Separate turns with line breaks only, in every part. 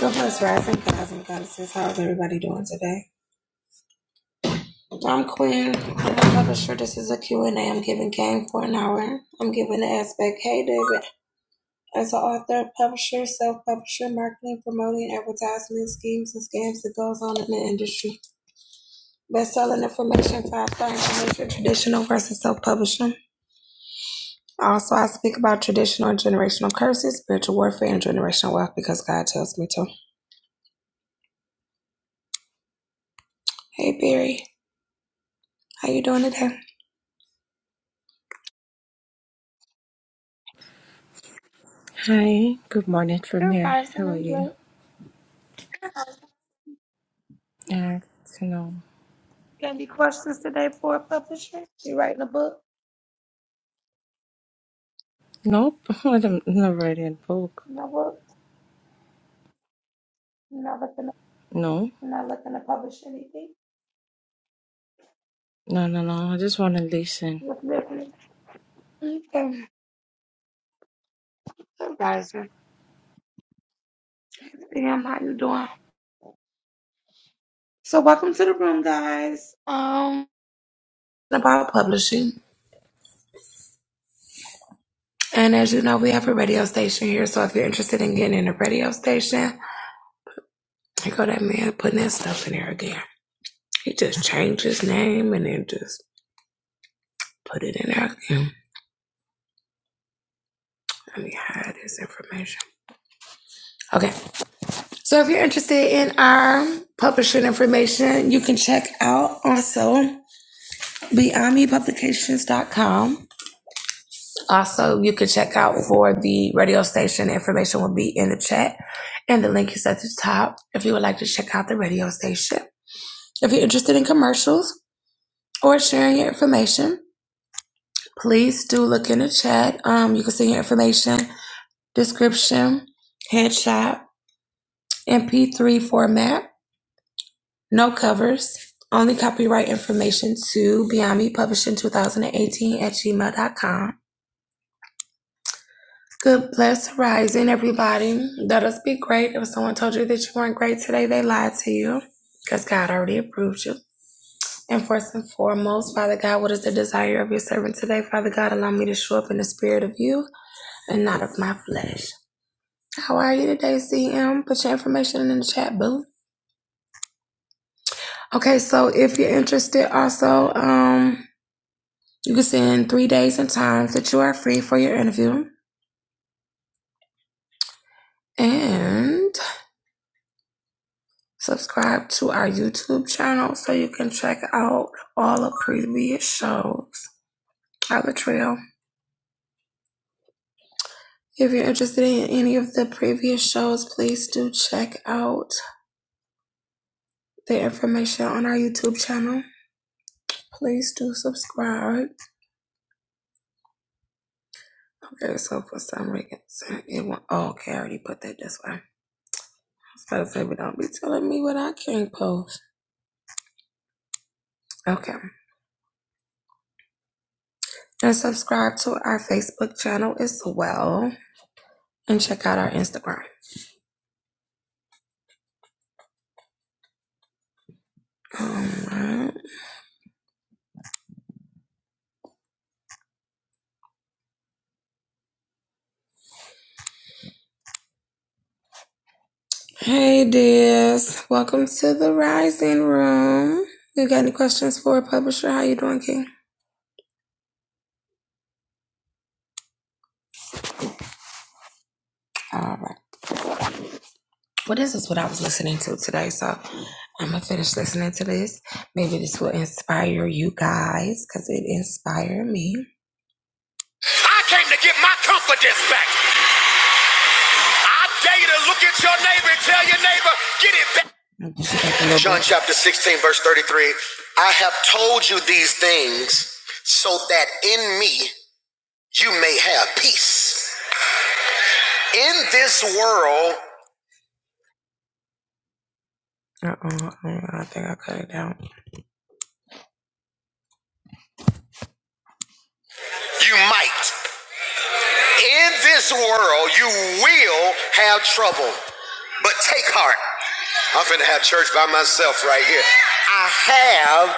Good bless rising guys and goddesses. How's everybody doing today? I'm Quinn. I'm not ever sure this is a Q and A. am giving game for an hour. I'm giving the aspect, hey David, as an author, publisher, self-publisher, marketing, promoting, advertisement schemes and scams that goes on in the industry. Best-selling information, five-star information, traditional versus self-publishing. Also, I speak about traditional and generational curses, spiritual warfare, and generational wealth because God tells me to. Hey, Barry, how you doing today?
Hi, good morning from
Good,
here.
Carson.
How are
I'm blessed.
you? Uh, no.
Any questions today for a publisher? You writing a book?
Nope, I don't, never read a book.
No book? You're Not looking. to,
No,
you're Not looking to publish anything.
no, no, no. I just want to listen.
Just listening. Okay. Advisor. Damn, how you doing? So welcome to the room, guys. Um, about publishing. And as you know, we have a radio station here. So if you're interested in getting in a radio station, I go that man putting that stuff in there again. He just changed his name and then just put it in there again. Let me hide this information. Okay. So if you're interested in our publishing information, you can check out also beyondmepublications.com. Also, you can check out for the radio station. Information will be in the chat and the link is at the top if you would like to check out the radio station. If you're interested in commercials or sharing your information, please do look in the chat. Um, you can see your information, description, headshot, MP3 format No covers. Only copyright information to Beyond Me Publishing 2018 at Gmail dot com. Good blessed horizon, everybody. Let us be great. If someone told you that you weren't great today, they lied to you because God already approved you. And first and foremost, Father God, what is the desire of your servant today? Father God, allow me to show up in the spirit of you and not of my flesh. How are you today, CM? Put your information in the chat, boo. Okay, so if you're interested, also, um, You can send three days and times that you are free for your interview. And subscribe to our YouTube channel so you can check out all the previous shows out the trail. If you're interested in any of the previous shows, please do check out the information on our YouTube channel. Please do subscribe. Okay, so for some reason it won't. Oh, okay, I already put that this way. So, baby, don't be telling me what I can't post. Okay. And subscribe to our Facebook channel as well. And check out our Instagram. Alright. Hey, dears. Welcome to the Rising Room. You got any questions for a publisher? How you doing, King? All right. Well, this is what I was listening to today, so I'm gonna finish listening to this. Maybe this will inspire you guys, cause it inspired me. I came to get my confidence back. I dare you to look at your neighbor and tell your neighbor, get it back. like John chapter 16, verse 33. I have told you these things so that in me you may have peace. In this world, uh-oh, I think I cut it down. You might. In this world, you will have trouble, but take heart. I'm finna have church by myself right here. I have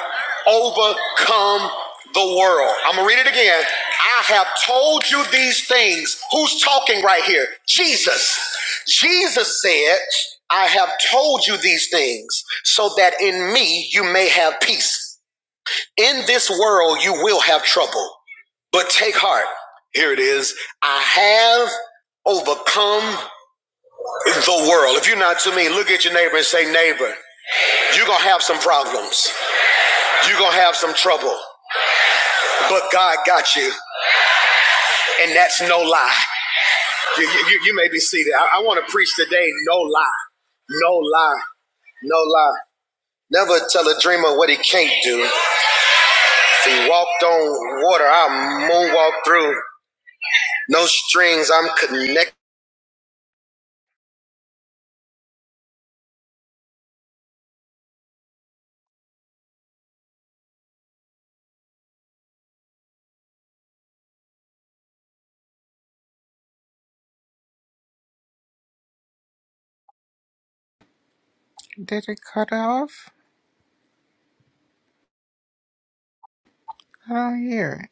overcome the world. I'm gonna read it again. I have told you these things. Who's talking right here? Jesus. Jesus said, I have told you these things so that in me you may have peace. In this world, you will have trouble, but take heart. Here it is. I have overcome the world. If you're not to me, look at your neighbor and say, neighbor, you're going to have some problems. You're going to have some trouble, but God got you. And that's no lie. You, you, you- may be seated. I, I want to preach today no lie. No lie. No lie. Never tell a dreamer what he can't do. He walked on water. I moonwalked through. No strings. I'm connected.
Did it cut off? I don't hear it.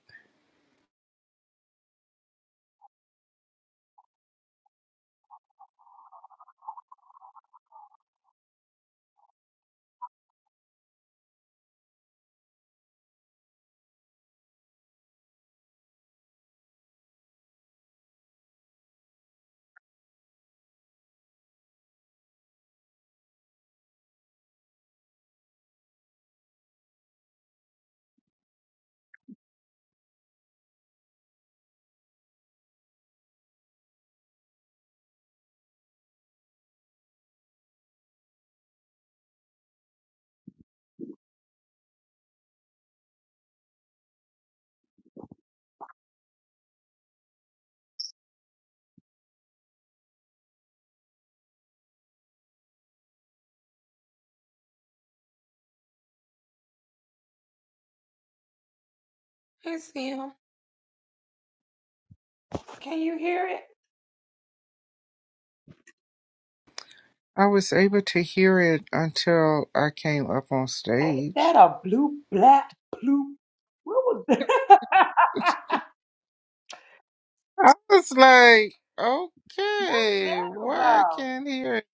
It's him. Can you hear it?
I was able to hear it until I came up on stage. I was like, okay, why I can't hear it?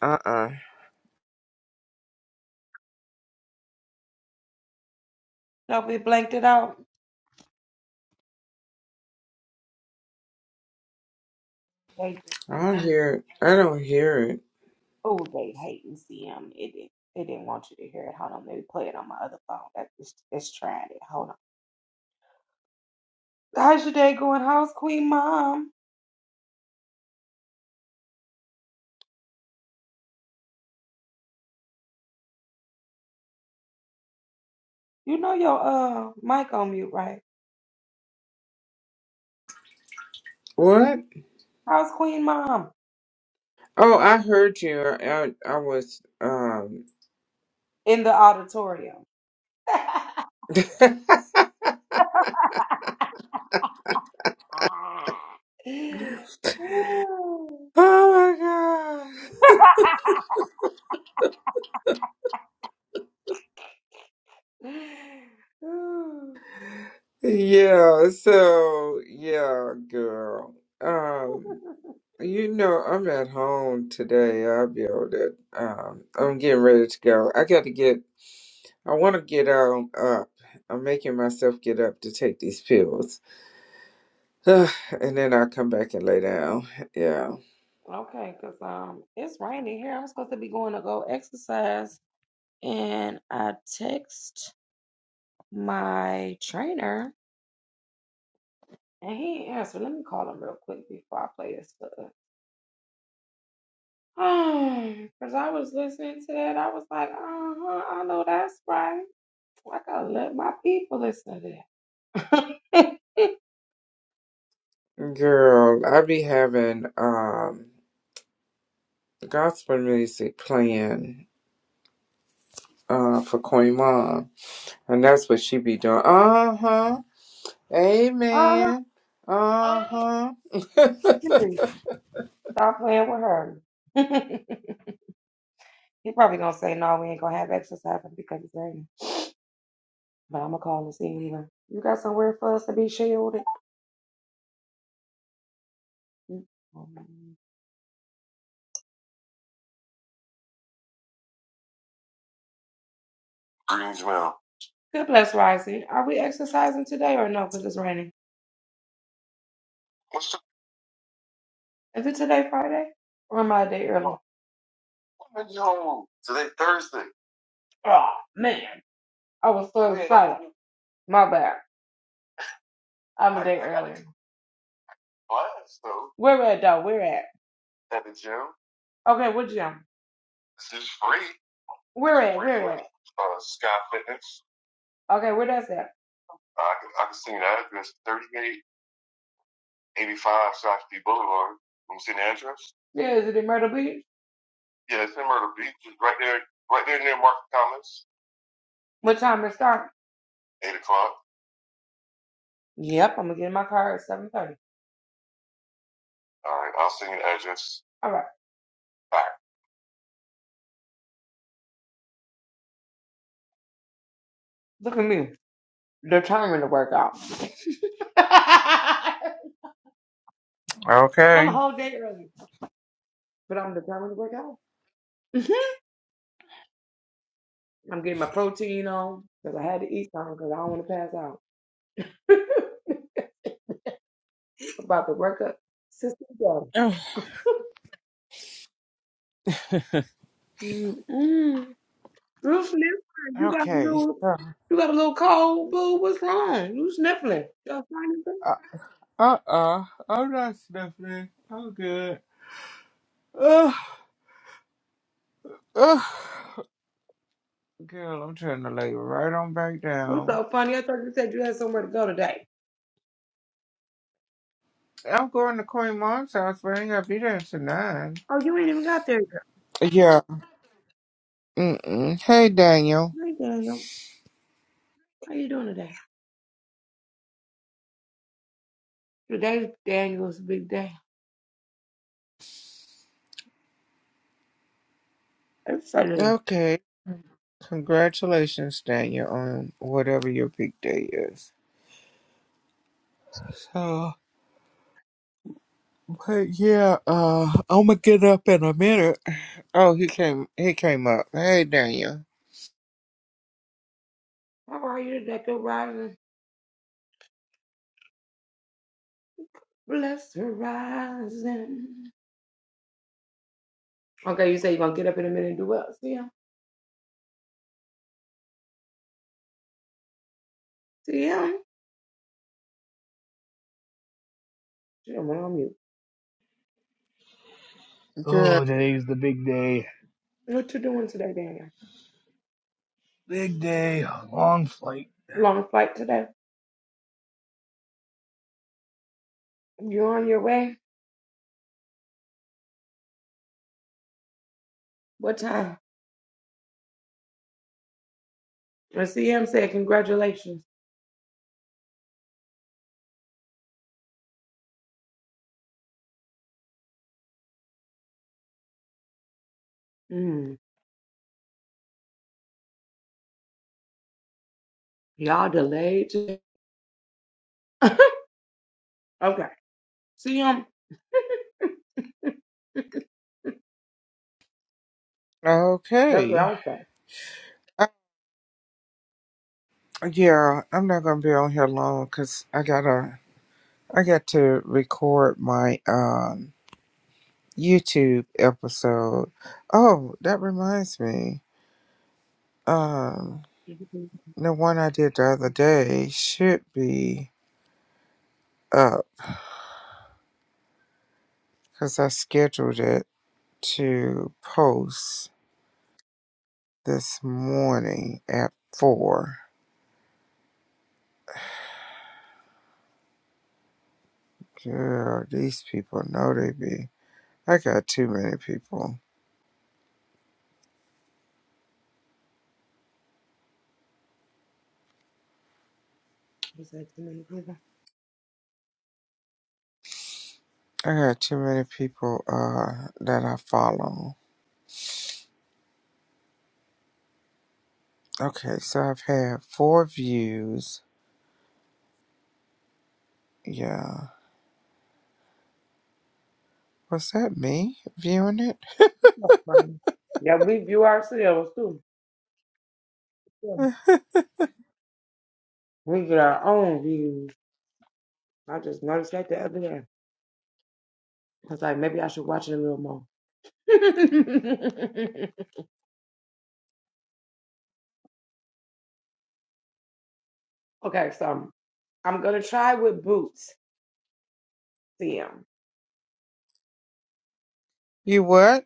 Uh uh I don't hear it. I don't hear it. What? Oh, I heard you. I I, I was um. oh my god. yeah. So yeah, girl. Um. You know, I'm at home today. I'll be able to. Um, I'm getting ready to go. I got to get. I want to get um up. I'm making myself get up to take these pills, and then I'll come back and lay down. Yeah, girl, I be having um gospel music playing uh for Queen Mom, and that's what she be doing. Uh huh. Amen. Uh huh.
Greetings, ma'am. What's the woman yo? Today Thursday.
Okay. okay. So. uh, Uh uh, I'm not sniffing. I'm good. Ugh, ugh. Girl, I'm trying to lay right on back down. I'm going to Queen Mom's house, but I ain't gonna be there until nine. Yeah. Mm-mm. Hey, Daniel. Okay. Congratulations, Daniel, on whatever your big day is. So, but yeah, uh, I'm gonna get up in a minute. Oh, he came. He came up. Hey, Daniel.
Oh,
Good.
today's the big day. Big day. Long flight.
Okay. Yeah, I'm not gonna be on here long because I gotta I got to record my um YouTube episode. Oh, that reminds me. Um, the one I did the other day should be up because I scheduled it to post this morning at four. Girl, these people know they be. I got too many people. I got too many people uh that I follow Okay, so I've had four views. Yeah. Was that me viewing it? You what?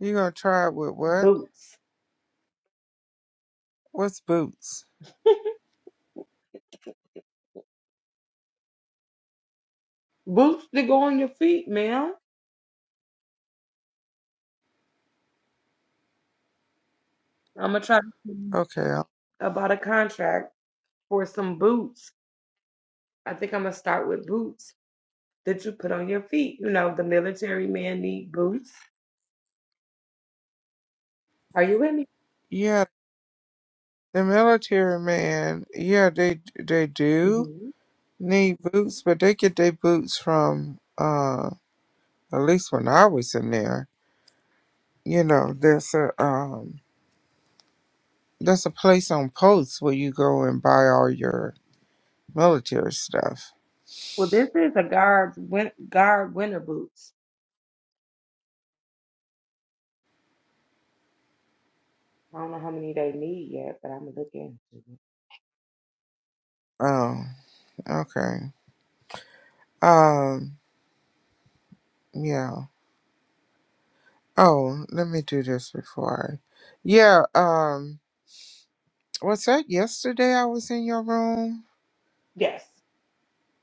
You gonna try it with what? What's boots? Okay. uh, Yeah, the military man. Yeah, they they do need boots, but they get their boots from uh at least when I was in there. You know, there's a um there's a place on posts where you go and buy all your military stuff. Oh, okay. Um. Yeah. Oh, let me do this before. I... Yeah. Um. Was that yesterday? I was in your room.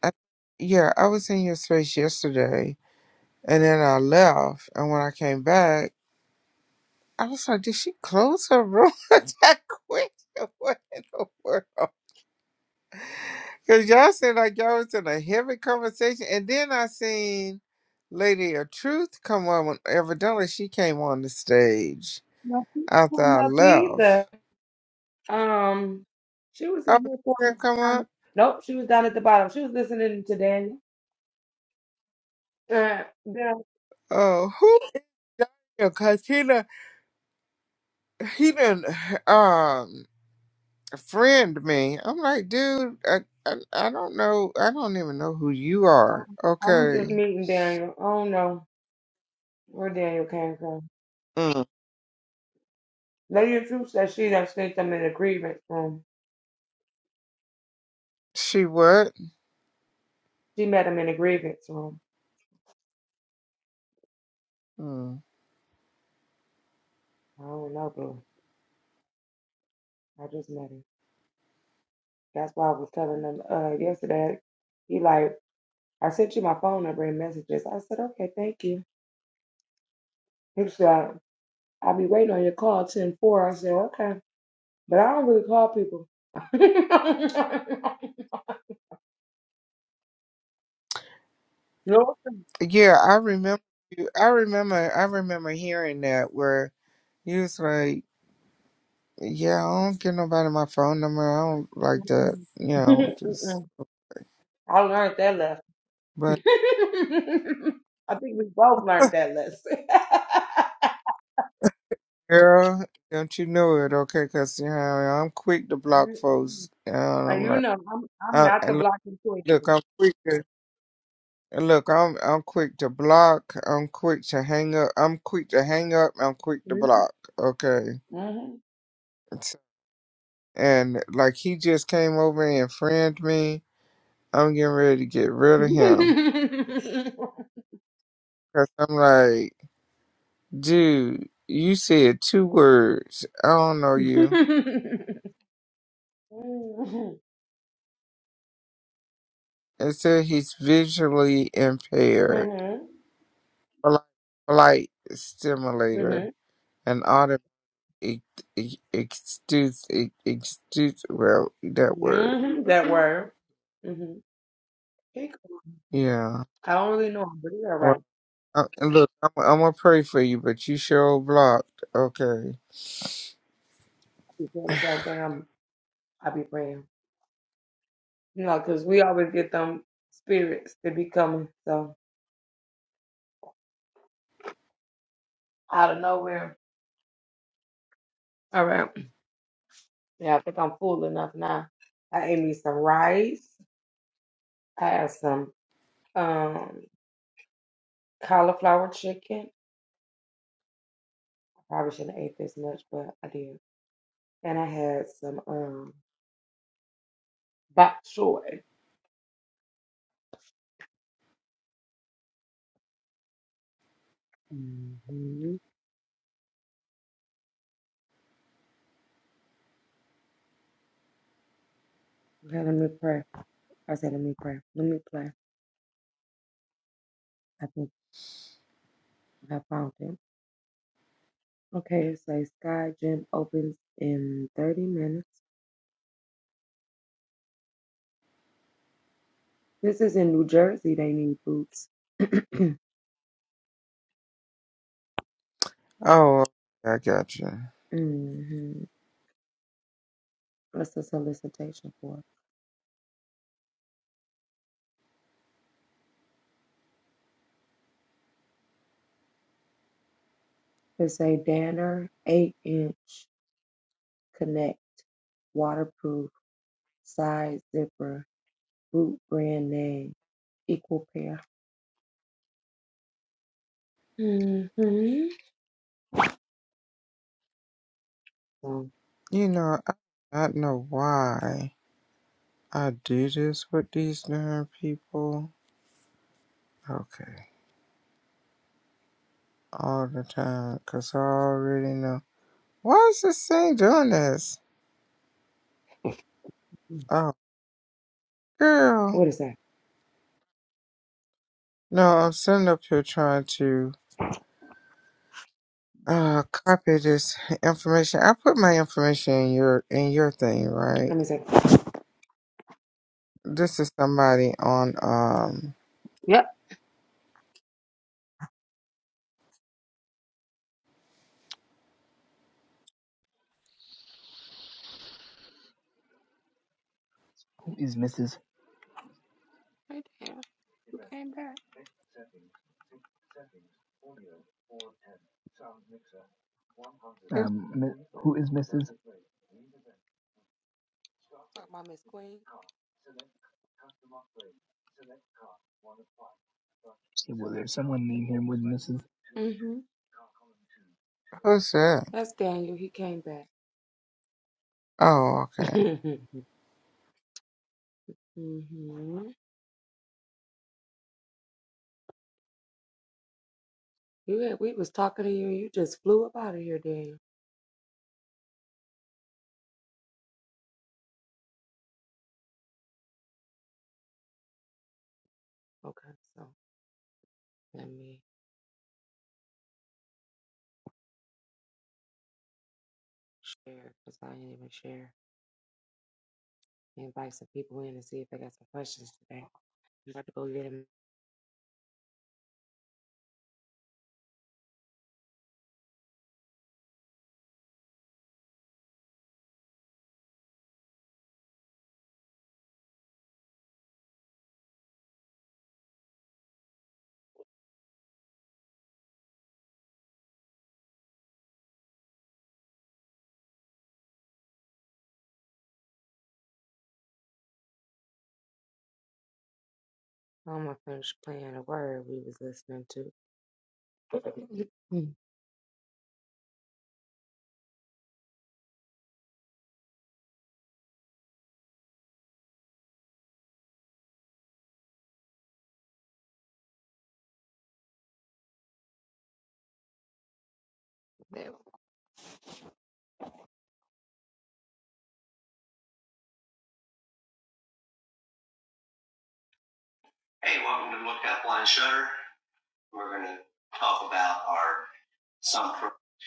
I, yeah, I was in your space yesterday, and then I left. And when I came back, I was like, "Did she close her room that quick? What in the world?" Because y'all said like y'all was in a heavy conversation, and then I seen Lady of Truth come on. When, evidently, she came on the stage after I left. Oh, she didn't come on. Oh, who because he done he done um friend me. I'm like, dude, I, I I don't know, I don't even know who you are. Okay, mm. she what? Mm. Yeah, I remember you. I remember, I remember hearing that where you was like, yeah, I don't give nobody my phone number. I don't like that, you know, just but. Girl, don't you know it, okay? Cause you know, I'm quick to block folks, and I'm like. Uh, and look, look, I'm quick to and look. I'm I'm quick to block. I'm quick to hang up. I'm quick to hang up. I'm quick to block. Okay. It's- And like he just came over and friend me. I'm getting ready to get rid of him because I'm like, dude, you said two words. I don't know you. It said he's visually impaired, like, like stimulator, an It it extends it extends well that word. Yeah. Well, I, and look, I'm I'm gonna pray for you, but you sure blocked. Okay. Oh, okay, I got you. You know, I I don't know why I do this with these darn people. Okay, all the time, cause I already know. Why is this thing doing this? Oh, girl. No, I'm sitting up here trying to. Uh, copy this information. I put my information in your in your thing, right? This is somebody on um.
Who is Mrs.? Um, who is Mrs.? Well, there's someone named him with Mrs.?
Who's that? Oh, okay.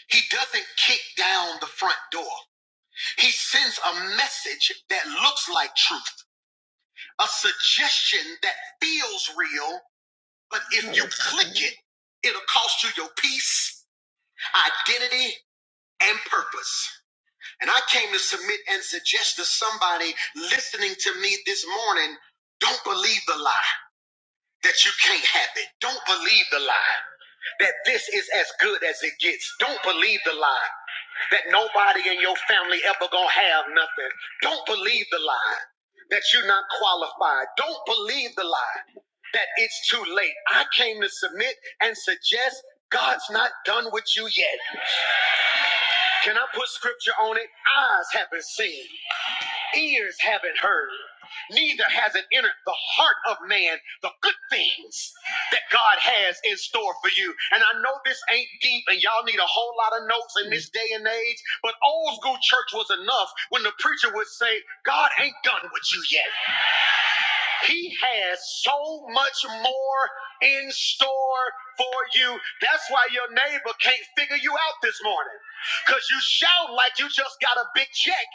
He doesn't kick down the front door. He sends a message that looks like truth, a suggestion that feels real, but if click it, it'll cost you your peace, identity, and purpose. And I came to submit and suggest to somebody listening to me this morning, don't believe the lie. that you can't have it. Don't believe the lie that this is as good as it gets. Don't believe the lie that nobody in your family ever gonna have nothing. Don't believe the lie that you're not qualified. Don't believe the lie that it's too late. I came to submit and suggest God's not done with you yet. Can I put scripture on it? Eyes haven't seen. Ears haven't heard, neither has it entered the heart of man the good things that God has in store for you. And I know this ain't deep, and y'all need a whole lot of notes this day and age, but old school church was enough when the preacher would say, God ain't done with you yet. He has so much more in store for you. That's why your neighbor can't figure you out this morning. Because you shout like you just got a big check.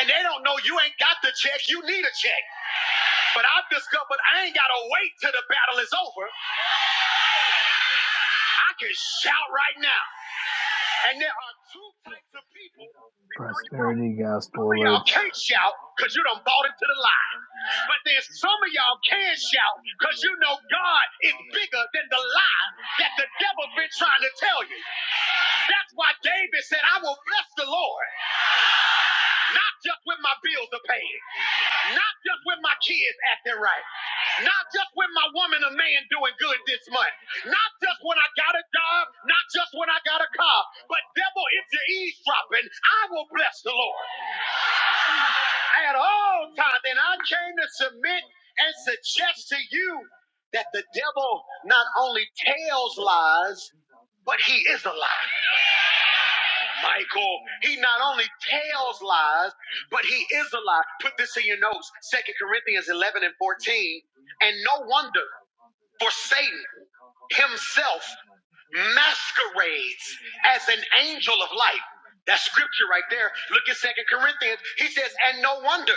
And they don't know you ain't got the check. You need a check. But I've discovered I ain't got to wait till the battle is over. I can shout right now. And there are two types of people.
Prosperity
Some
gospel
of y'all
alert.
can't shout because you done bought into the lie. But there's some of y'all can shout because you know God is bigger than the lie that the devil been trying to tell you. That's why David said, I will bless the Lord, not just when my bills are paid. Not just when my kids acting right. Not just when my woman or man doing good this month. Not just when I got a job. Not just when I got a car. But devil, if you're eavesdropping, I will bless the Lord at all times. And I came to submit and suggest to you that the devil not only tells lies, but he is a lie. Michael, he not only tells lies, but he is alive. Put this in your notes, Second Corinthians 11 and 14. And no wonder, for Satan himself masquerades as an angel of light. That scripture right there. Look at Second Corinthians. He says, and no wonder,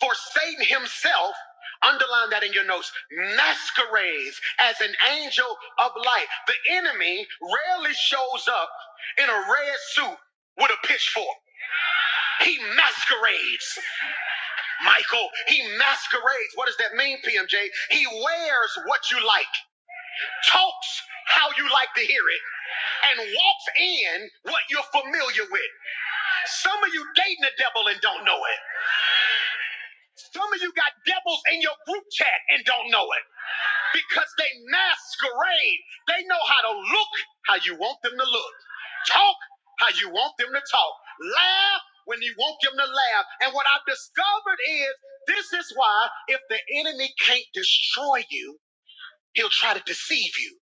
for Satan himself, underline that in your notes, masquerades as an angel of light. The enemy rarely shows up in a red suit with a pitchfork. He masquerades. Michael, he masquerades. What does that mean, PMJ? He wears what you like, talks how you like to hear it, and walks in what you're familiar with. Some of you dating the devil and don't know it. Some of you got devils in your group chat and don't know it. because they masquerade. They know how to look how you want them to look, talk how you want them to talk, laugh when you want them to laugh. And what I've discovered is this is why if the enemy can't destroy you, he'll try to deceive you.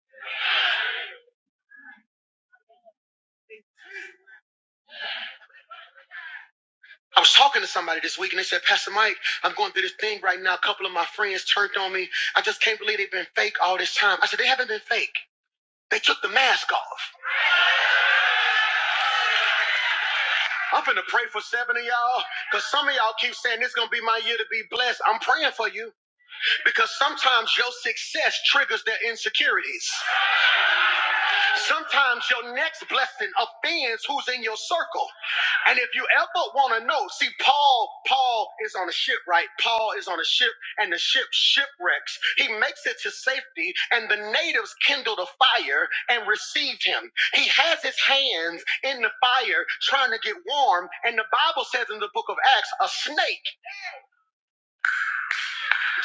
I was talking to somebody this week and they said, Pastor Mike, I'm going through this thing right now. A couple of my friends turned on me. I just can't believe they've been fake all this time. I said, they haven't been fake. They took the mask off. I'm finna pray for seven of y'all because some of y'all keep saying this gonna be my year to be blessed. I'm praying for you because sometimes your success triggers their insecurities. Sometimes your next blessing offends who's in your circle. And if you ever want to know, see, Paul, Paul is on a ship, right? Paul is on a ship, and the ship shipwrecks. He makes it to safety, and the natives kindled a fire and received him. He has his hands in the fire trying to get warm, and the Bible says in the book of Acts, a snake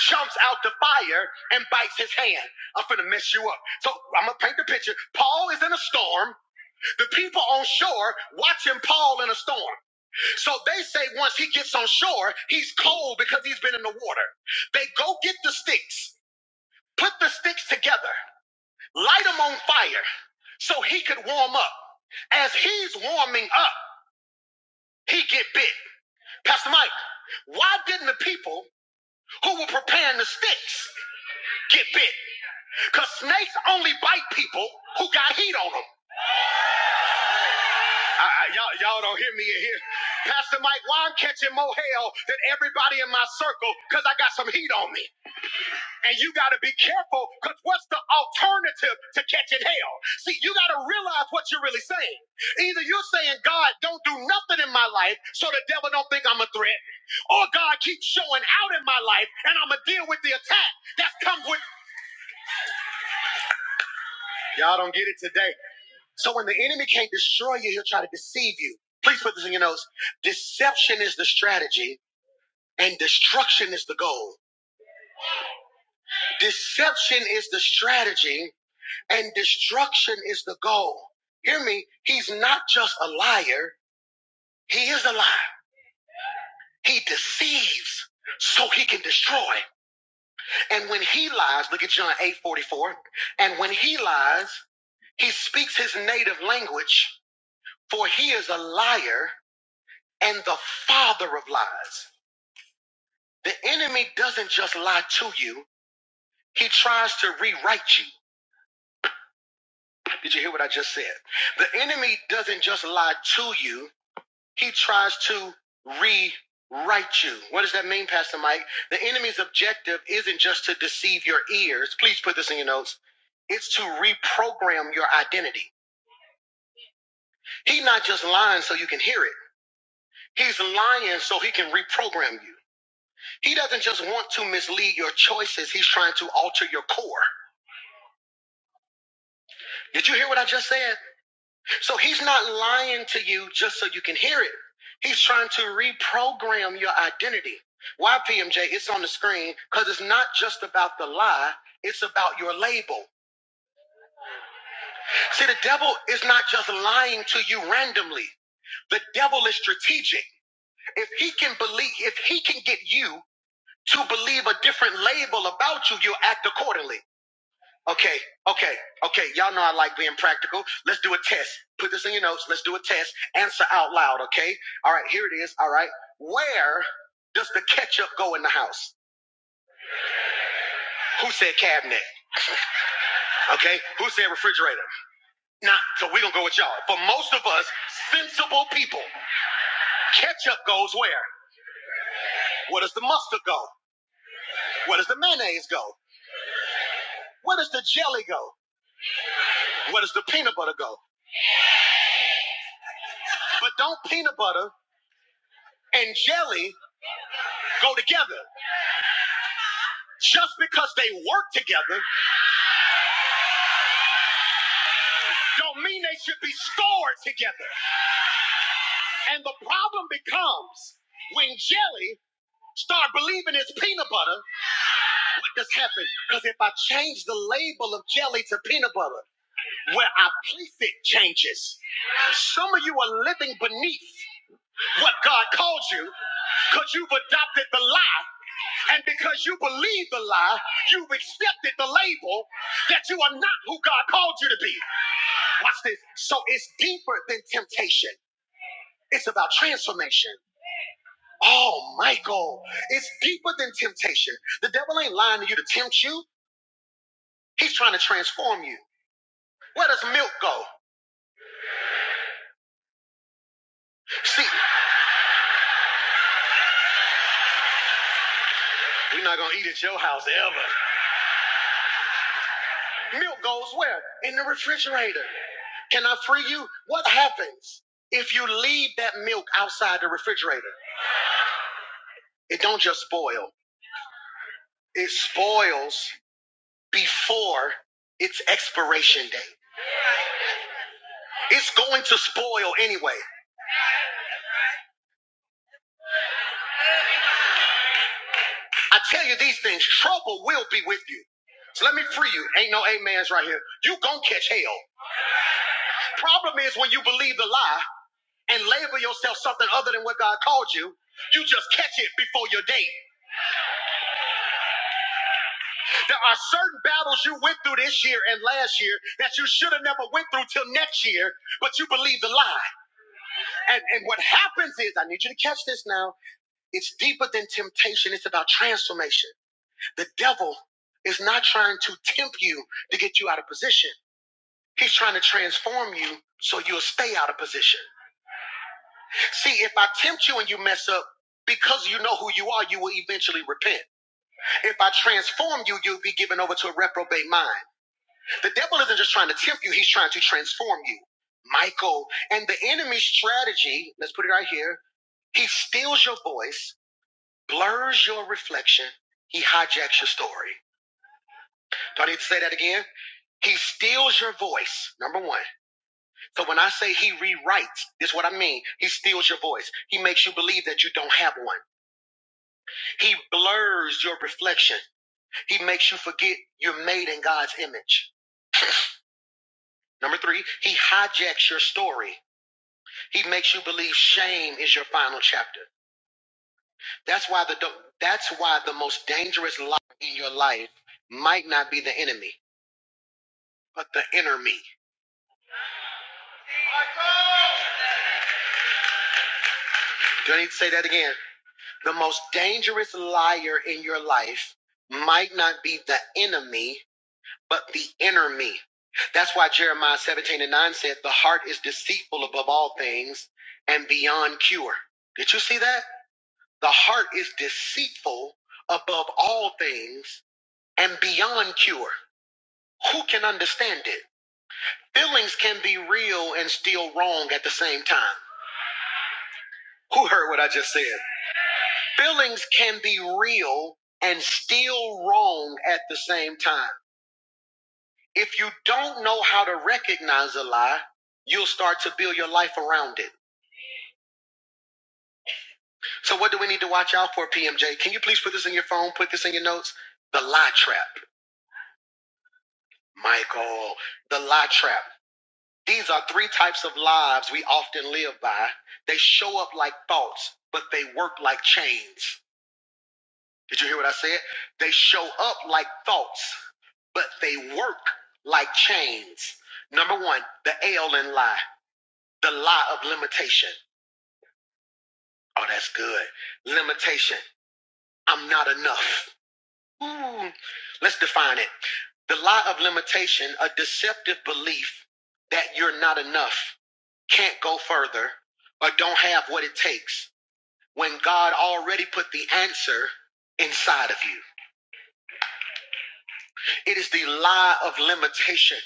jumps out the fire and bites his hand. I'm finna mess you up. So I'm gonna paint the picture. Paul is in a storm. The people on shore watching Paul in a storm. So they say once he gets on shore, he's cold because he's been in the water. They go get the sticks, put the sticks together, light them on fire so he could warm up. As he's warming up, he get bit. Pastor Mike, why didn't the people who were preparing the sticks get bit? Because snakes only bite people who got heat on them. I, I- y'all, y'all don't hear me in here. Pastor Mike, why I'm catching more hell than everybody in my circle? Because I got some heat on me. And you got to be careful because what's the alternative to catching hell? See, you got to realize what you're really saying. Either you're saying, God, don't do nothing in my life so the devil don't think I'm a threat, or God keeps showing out in my life and I'm going to deal with the attack that comes with. Y'all don't get it today. So when the enemy can't destroy you, he'll try to deceive you. Please put this in your notes. Deception is the strategy and destruction is the goal. Deception is the strategy and destruction is the goal. Hear me. He's not just a liar. He is a liar. He deceives so he can destroy. And when he lies, look at John 8 44. And when he lies, he speaks his native language for he is a liar and the father of lies. The enemy doesn't just lie to you, he tries to rewrite you. Did you hear what I just said? The enemy doesn't just lie to you, he tries to rewrite you. What does that mean, Pastor Mike? The enemy's objective isn't just to deceive your ears. Please put this in your notes. It's to reprogram your identity. He's not just lying so you can hear it. He's lying so he can reprogram you. He doesn't just want to mislead your choices. He's trying to alter your core. Did you hear what I just said? So he's not lying to you just so you can hear it. He's trying to reprogram your identity. Why, PMJ? It's on the screen because it's not just about the lie, it's about your label. See, the devil is not just lying to you randomly. The devil is strategic. If he can believe, if he can get you to believe a different label about you, you'll act accordingly. Okay, okay, okay. Y'all know I like being practical. Let's do a test. Put this in your notes. Let's do a test. Answer out loud, okay? All right, here it is. All right. Where does the ketchup go in the house? Who said cabinet? Okay. Who said refrigerator? Nah, so we're gonna go with y'all. For most of us, sensible people, ketchup goes where? Where does the mustard go? Where does the mayonnaise go? Where does the jelly go? Where does the peanut butter go? But don't peanut butter and jelly go together? Just because they work together don't mean they should be stored together. And the problem becomes when jelly start believing it's peanut butter, what does happen? Because if I change the label of jelly to peanut butter, where I place it changes. Some of you are living beneath what God called you because you've adopted the lie. And because you believe the lie, you've accepted the label that you are not who God called you to be. Watch this. So it's deeper than temptation. It's about transformation. Oh, Michael, it's deeper than temptation. The devil ain't lying to you to tempt you. He's trying to transform you. Where does milk go? See, we're not gonna eat at your house ever. Milk goes where? In the refrigerator. Can I free you? What happens if you leave that milk outside the refrigerator? It don't just spoil. It spoils before its expiration date. It's going to spoil anyway. I tell you these things, trouble will be with you. So let me free you. Ain't no amens right here. You gonna catch hell. Problem is when you believe the lie and label yourself something other than what God called you, you just catch it before your date. There are certain battles you went through this year and last year that you should have never went through till next year, but you believe the lie. And, and what happens is, I need you to catch this now. It's deeper than temptation. It's about transformation. The devil is not trying to tempt you to get you out of position. He's trying to transform you so you'll stay out of position. See, if I tempt you and you mess up, because you know who you are, you will eventually repent. If I transform you, you'll be given over to a reprobate mind. The devil isn't just trying to tempt you, he's trying to transform you. Michael, and the enemy's strategy, let's put it right here, he steals your voice, blurs your reflection, he hijacks your story. Do I need to say that again? He steals your voice, number one. So when I say he rewrites, this is what I mean. He steals your voice. He makes you believe that you don't have one. He blurs your reflection. He makes you forget you're made in God's image. Number three, he hijacks your story. He makes you believe shame is your final chapter. That's why the that's why the most dangerous lie in your life might not be the enemy, but the inner me. Do I need to say that again? The most dangerous liar in your life might not be the enemy, but the inner me. That's why Jeremiah 17 and 9 said, The heart is deceitful above all things and beyond cure. Did you see that? The heart is deceitful above all things and beyond cure. Who can understand it? Feelings can be real and still wrong at the same time. Who heard what I just said? Feelings can be real and still wrong at the same time. If you don't know how to recognize a lie, you'll start to build your life around it. So, what do we need to watch out for, PMJ? Can you please put this in your phone? Put this in your notes? The lie trap, Michael. The lie trap. These are three types of lives we often live by. They show up like thoughts, but they work like chains. Did you hear what I said? They show up like thoughts, but they work like chains. Number one, the L in lie, the lie of limitation. Oh, that's good. Limitation. I'm not enough. Ooh. Let's define it. The lie of limitation, a deceptive belief that you're not enough, can't go further, or don't have what it takes when God already put the answer inside of you. It is the lie of limitation.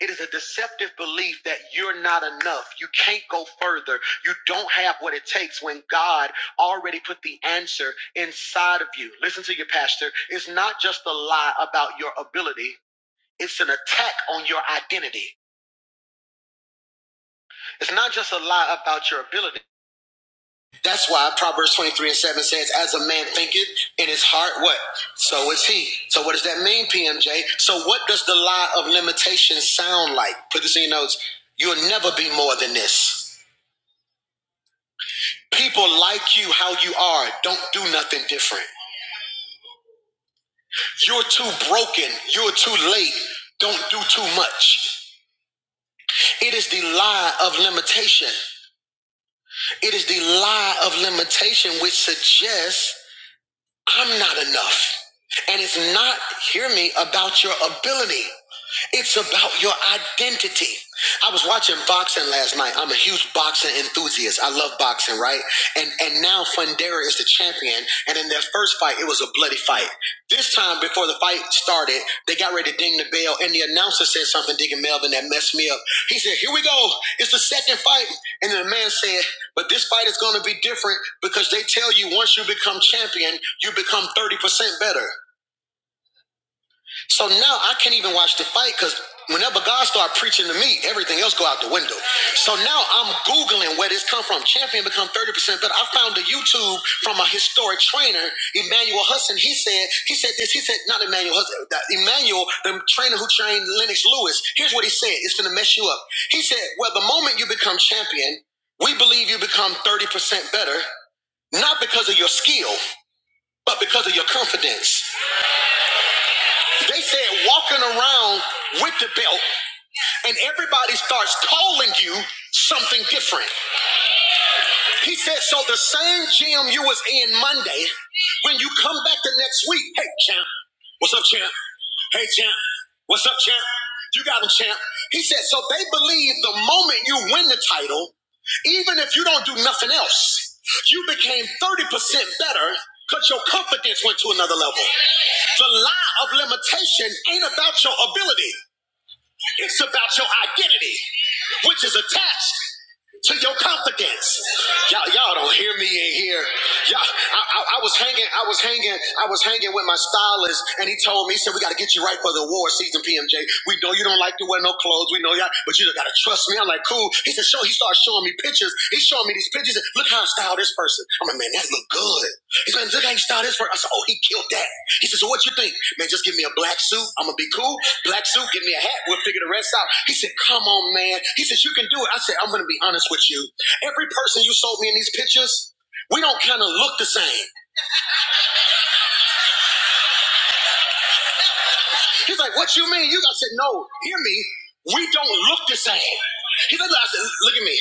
It is a deceptive belief that you're not enough. You can't go further. You don't have what it takes when God already put the answer inside of you. Listen to your pastor. It's not just a lie about your ability. It's an attack on your identity. It's not just a lie about your ability. That's why Proverbs 23 and 7 says, As a man thinketh in his heart, what? So is he. So what does that mean, PMJ? So what does the lie of limitation sound like? Put this in your notes. You'll never be more than this. People like you how you are. Don't do nothing different. You're too broken. You're too late. Don't do too much. It is the lie of limitation. It is the lie of limitation which suggests I'm not enough. And it's not, hear me, about your ability. It's about your identity. I was watching boxing last night. I'm a huge boxing enthusiast. I love boxing, right? And and now Fundera is the champion. And in their first fight, it was a bloody fight. This time, before the fight started, they got ready to ding the bell, and the announcer said something. Deacon Melvin that messed me up. He said, said. "Here we go. It's the the second fight." And the man said, but this fight is going to be different because they tell you once you become champion, you become 30% better. So now I can't even watch the fight because whenever God start preaching to me, everything else go out the window. So now I'm Googling where this come from. Champion become 30% better. I found a YouTube from a historic trainer, Emmanuel Hudson. He said, he said this, he said, not Emmanuel Hudson, that Emmanuel, the trainer who trained Lennox Lewis. Here's what he said. It's going to mess you up. He said, well, the moment you become champion, we believe you become 30% better not because of your skill, but because of your confidence. They said walking around with the belt, and everybody starts calling you something different. He said, so the same gym you was in Monday, when you come back the next week, hey champ, what's up, champ? Hey champ, what's up, champ? You got him, champ. He said, so they believe the moment you win the title, even if you don't do nothing else, you became 30% better because your confidence went to another level. The lie of limitation ain't about your ability. It's about your identity, which is attached to your confidence. Y'all, y'all don't hear me in here. Y'all, I, I, I was hanging, I was hanging, I was hanging with my stylist, and he told me, he said, "We got to get you right for the award season, PMJ. We know you don't like to wear no clothes. We know y'all, but you got to trust me." I'm like, "Cool." He said, "Show." He started showing me pictures. He's showing me these pictures. Look how I styled this person. I'm like, "Man, that look good." He's like, "Look how he styled this person." I said, "Oh, he killed that." He says, "So what you think, man? Just give me a black suit. I'm gonna be cool." Black suit, give me a hat. We'll figure the rest out. He said, Come on, man. He says, You can do it. I said, I'm going to be honest with you. Every person you sold me in these pictures, we don't kind of look the same. He's like, What you mean? You I said, No, hear me. We don't look the same. He said, I said, Look at me.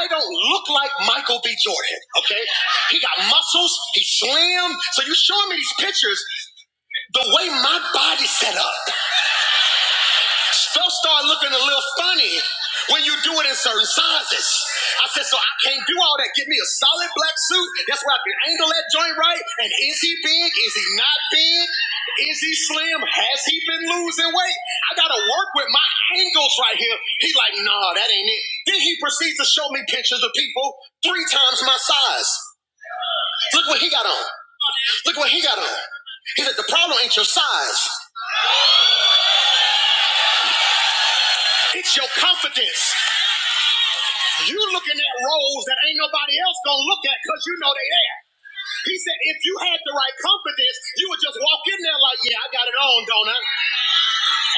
I don't look like Michael B. Jordan, okay? He got muscles, he's slim. So you showing me these pictures, the way my body's set up. Folks start looking a little funny when you do it in certain sizes. I said, so I can't do all that. Give me a solid black suit. That's where I can angle that joint right. And is he big? Is he not big? Is he slim? Has he been losing weight? I gotta work with my angles right here. He like, nah, that ain't it. Then he proceeds to show me pictures of people three times my size. Look what he got on. Look what he got on. He said, the problem ain't your size. It's your confidence. You looking at roles that ain't nobody else gonna look at because you know they there. He said, if you had the right confidence, you would just walk in there like, yeah, I got it on, don't I?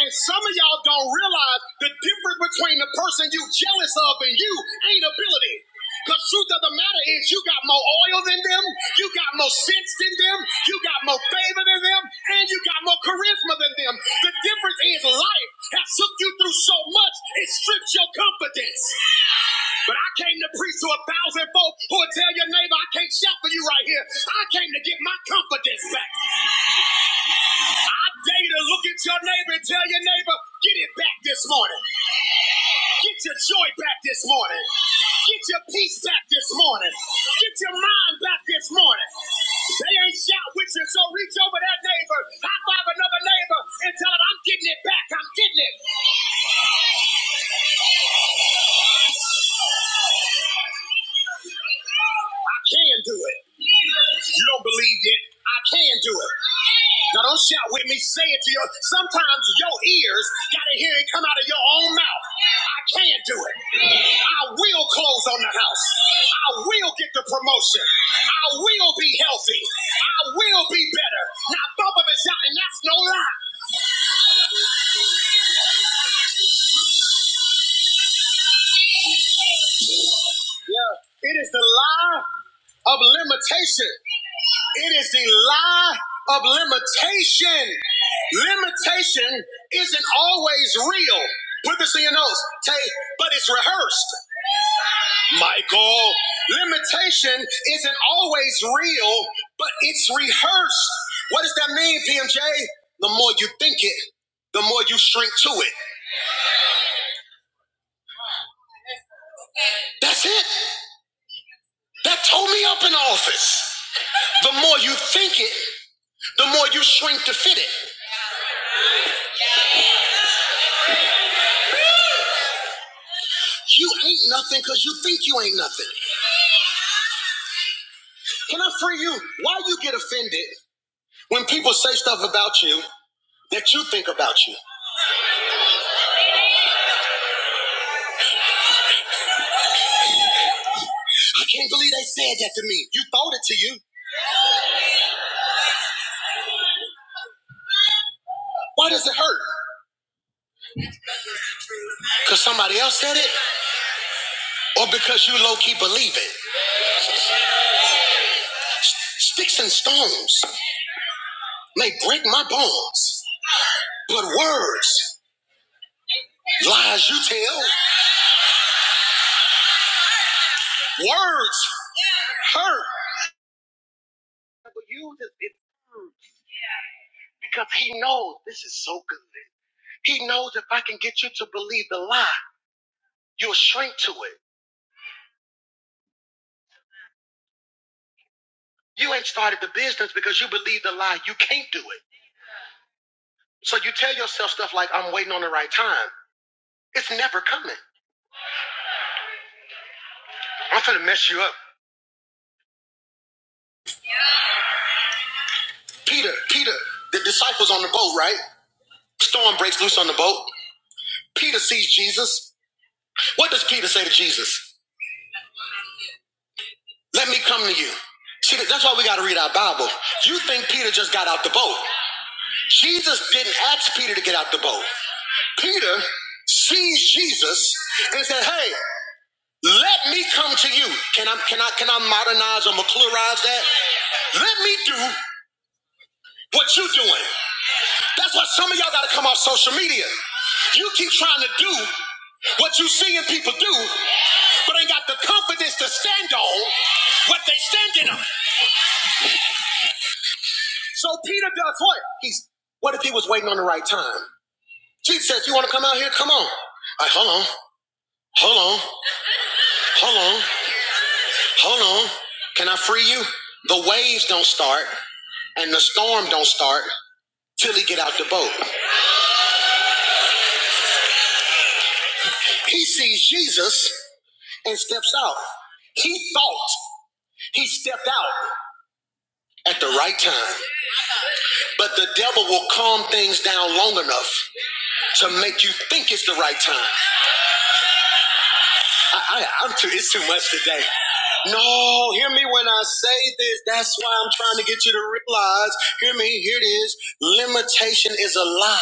And some of y'all don't realize the difference between the person you jealous of and you ain't ability. Because truth of the matter is you got more oil than them, you got more sense than them, you got more favor than them, and you got more charisma than them. The difference is life has took you through so much, it strips your confidence. But I came to preach to a thousand folk who will tell your neighbor, I can't shout for you right here. I came to get my confidence back. I dare you to look at your neighbor and tell your neighbor, get it back this morning. Get your joy back this morning. Get your peace back this morning. Get your mind back this morning. They ain't shout with you, so reach over that neighbor, high five another neighbor, and tell them, I'm getting it back. I'm getting it. can do it. You don't believe it. I can do it. Now don't shout with me. Say it to your. Sometimes your ears gotta hear it come out of your own mouth. I can do it. I will close on the house. I will get the promotion. I will be healthy. I will be better. Now both of us out, and that's no lie. Yeah. It is the lie of limitation. It is the lie of limitation. Limitation isn't always real. Put this in your notes, Tate, but it's rehearsed. Michael, limitation isn't always real, but it's rehearsed. What does that mean, PMJ? The more you think it, the more you shrink to it. That's it. That tore me up in office. The more you think it, the more you shrink to fit it. You ain't nothing because you think you ain't nothing. Can I free you? Why you get offended when people say stuff about you? that you think about you. I can't believe they said that to me. You thought it to you. Why does it hurt? Because somebody else said it? Or because you low key believe it? Sticks and stones may break my bones, but words, lies you tell, words hurt. But you just, it hurts because he knows this is so good. He knows if I can get you to believe the lie, you'll shrink to it. You ain't started the business because you believe the lie. You can't do it. So you tell yourself stuff like, I'm waiting on the right time. It's never coming. I'm going to mess you up. Peter, Peter, the disciples on the boat, right? Storm breaks loose on the boat. Peter sees Jesus. What does Peter say to Jesus? Let me come to you. See, that's why we got to read our Bible. You think Peter just got out the boat. Jesus didn't ask Peter to get out the boat. Peter sees Jesus and said, Hey, Let me come to you. Can I can I can I modernize or McClurize that? Let me do what you're doing. That's why some of y'all gotta come off social media. You keep trying to do what you seeing people do, but ain't got the confidence to stand on what they standing on. So Peter does what? He's what if he was waiting on the right time? Jesus says, You wanna come out here? Come on. All right, hold on, hold on, hold on. Hold on. Can I free you? The waves don't start and the storm don't start till he get out the boat. He sees Jesus and steps out. He thought he stepped out at the right time, but the devil will calm things down long enough to make you think it's the right time. I, I, I'm too. It's too much today. No, hear me when I say this. That's why I'm trying to get you to realize. Hear me. Here it is. Limitation is a lie.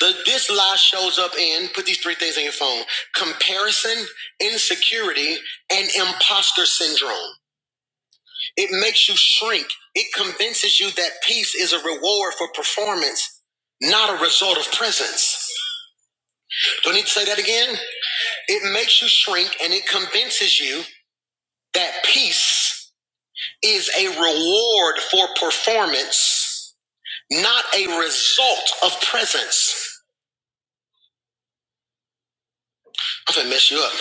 The, this lie shows up in, put these three things on your phone comparison, insecurity, and imposter syndrome. It makes you shrink. It convinces you that peace is a reward for performance, not a result of presence. Do I need to say that again? It makes you shrink and it convinces you that peace is a reward for performance, not a result of presence. I'm gonna mess you up.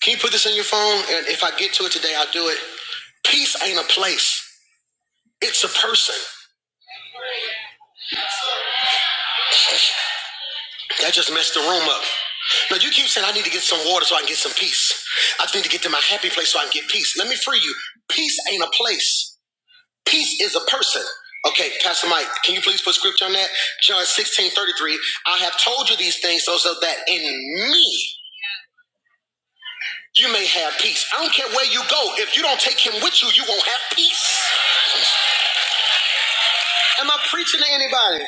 Can you put this in your phone? And if I get to it today, I'll do it. Peace ain't a place, it's a person. That just messed the room up. Now, you keep saying, I need to get some water so I can get some peace. I need to get to my happy place so I can get peace. Let me free you. Peace ain't a place, peace is a person. Okay, Pastor Mike, can you please put scripture on that? John 16 33. I have told you these things so, so that in me you may have peace. I don't care where you go. If you don't take him with you, you won't have peace. Am I preaching to anybody?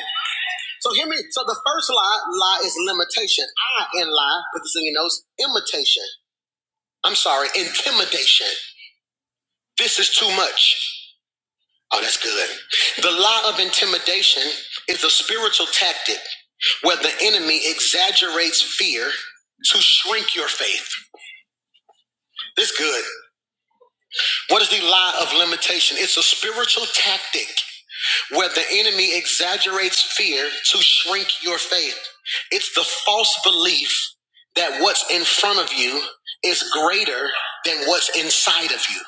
So hear me. So the first lie, lie is limitation. I in lie, put this in your notes, imitation. I'm sorry, intimidation. This is too much. Oh, that's good. The lie of intimidation is a spiritual tactic where the enemy exaggerates fear to shrink your faith. This good. What is the lie of limitation? It's a spiritual tactic where the enemy exaggerates fear to shrink your faith. It's the false belief that what's in front of you is greater than what's inside of you.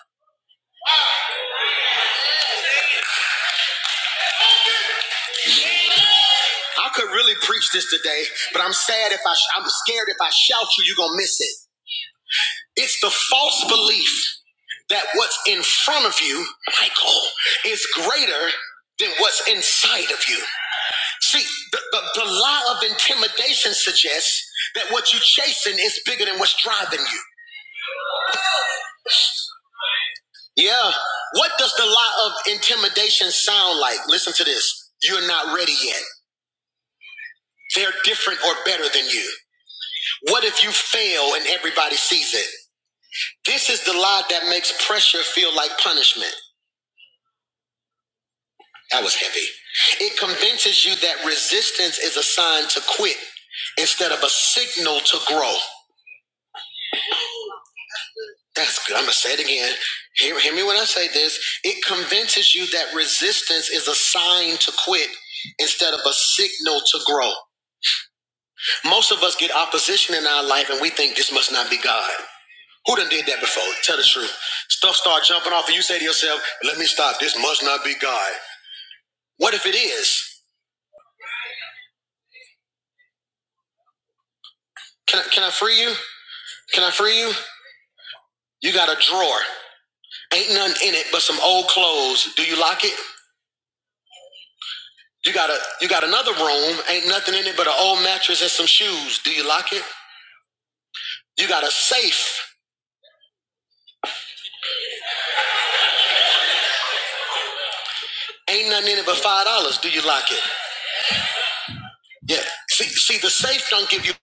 I could really preach this today, but I'm sad if I sh- I'm scared if I shout you, you're gonna miss it. It's the false belief that what's in front of you, Michael, is greater than what's inside of you. See, the, the, the lie of intimidation suggests that what you're chasing is bigger than what's driving you. Yeah. What does the lie of intimidation sound like? Listen to this. You're not ready yet. They're different or better than you. What if you fail and everybody sees it? This is the lie that makes pressure feel like punishment. That was heavy. It convinces you that resistance is a sign to quit instead of a signal to grow. That's good. I'm going to say it again. Hear, hear me when I say this. It convinces you that resistance is a sign to quit instead of a signal to grow. Most of us get opposition in our life and we think this must not be God. Who done did that before? Tell the truth. Stuff start jumping off and you say to yourself, let me stop. This must not be God. What if it is? Can I, can I free you? Can I free you? You got a drawer. Ain't nothing in it but some old clothes. Do you lock it? You got a you got another room, ain't nothing in it but an old mattress and some shoes. Do you lock it? You got a safe, ain't nothing in it but five dollars. Do you lock it? Yeah. See, see, the safe don't give you. Look,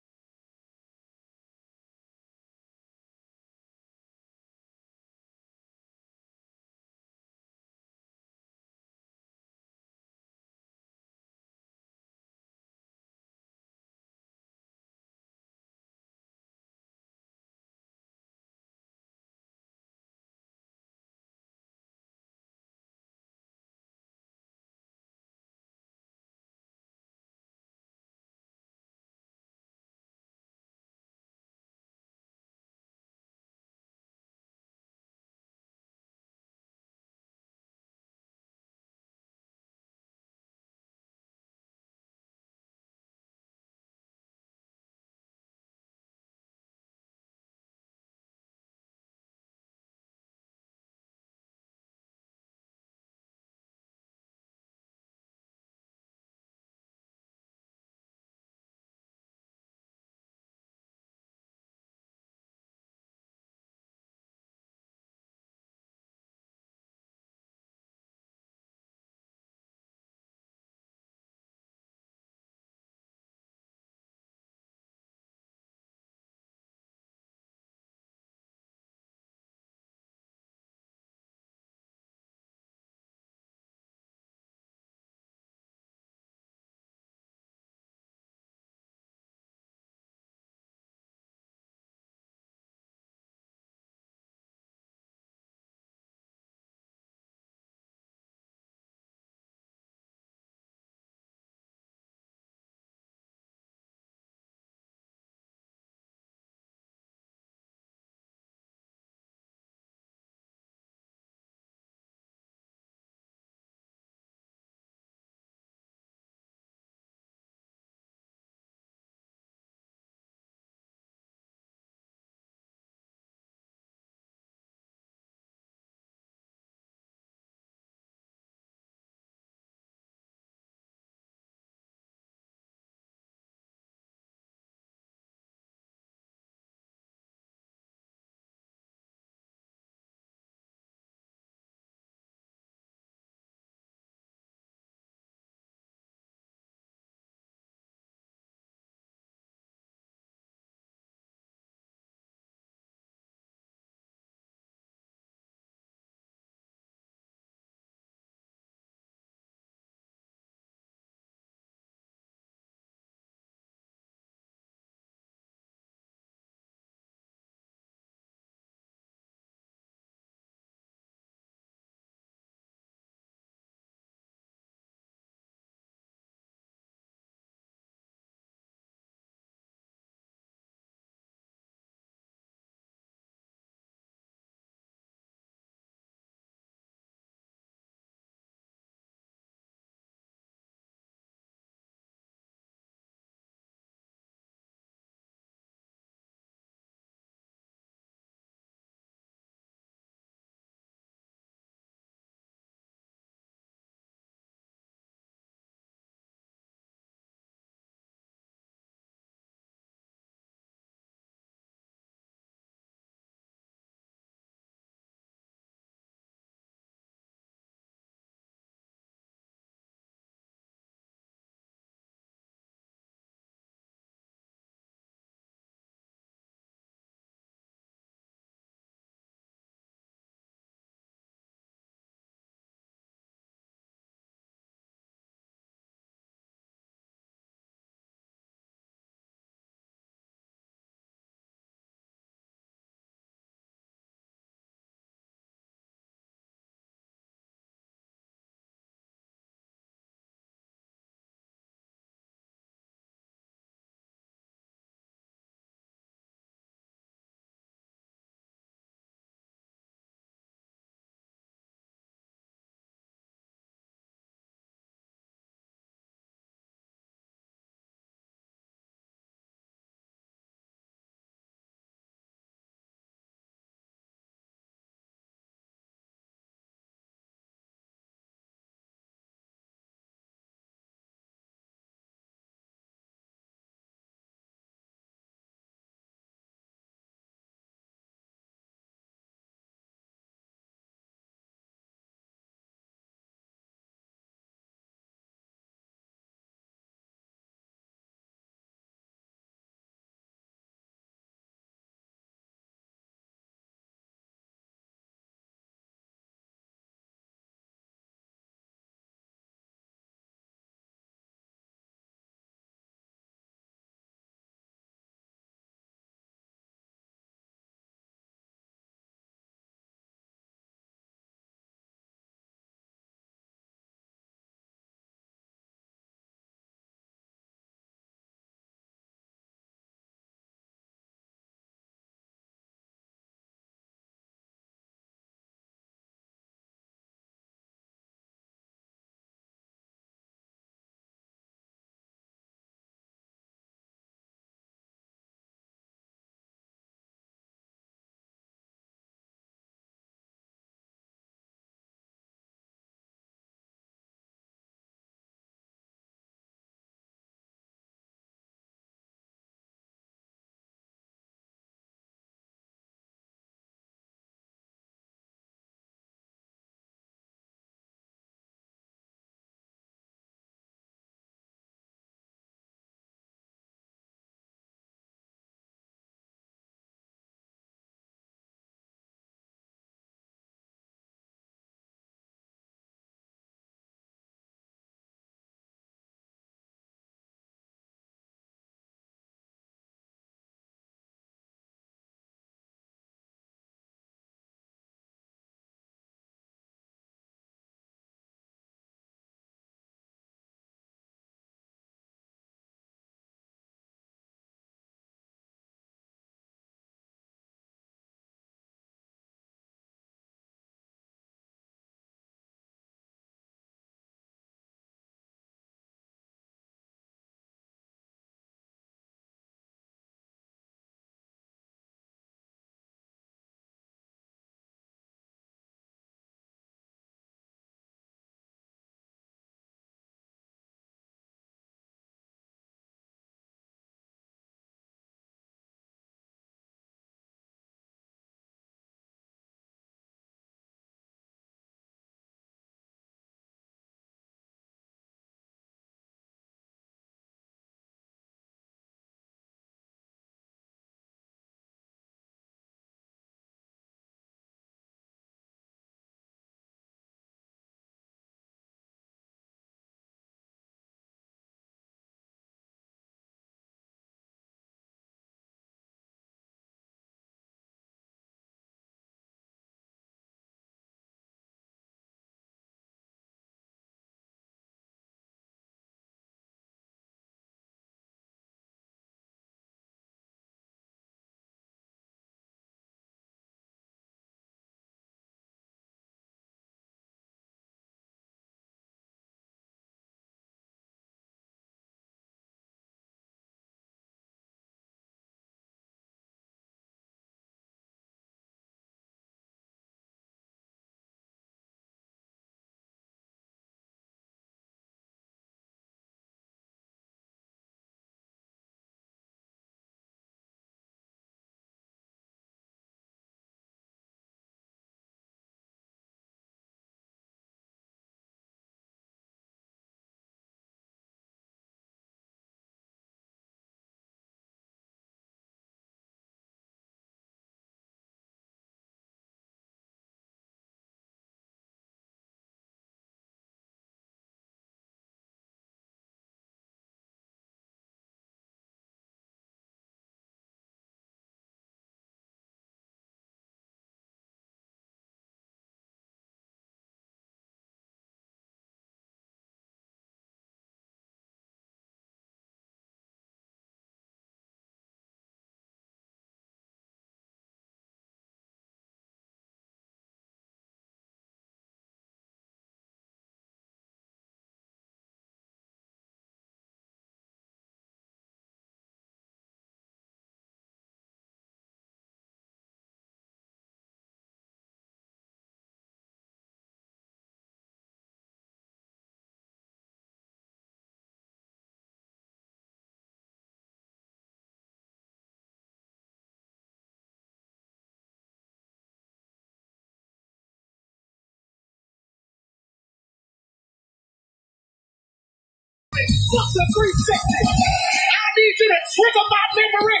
the 360. I need you to trigger my memory.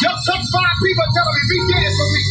Just some five people telling me be dead for me.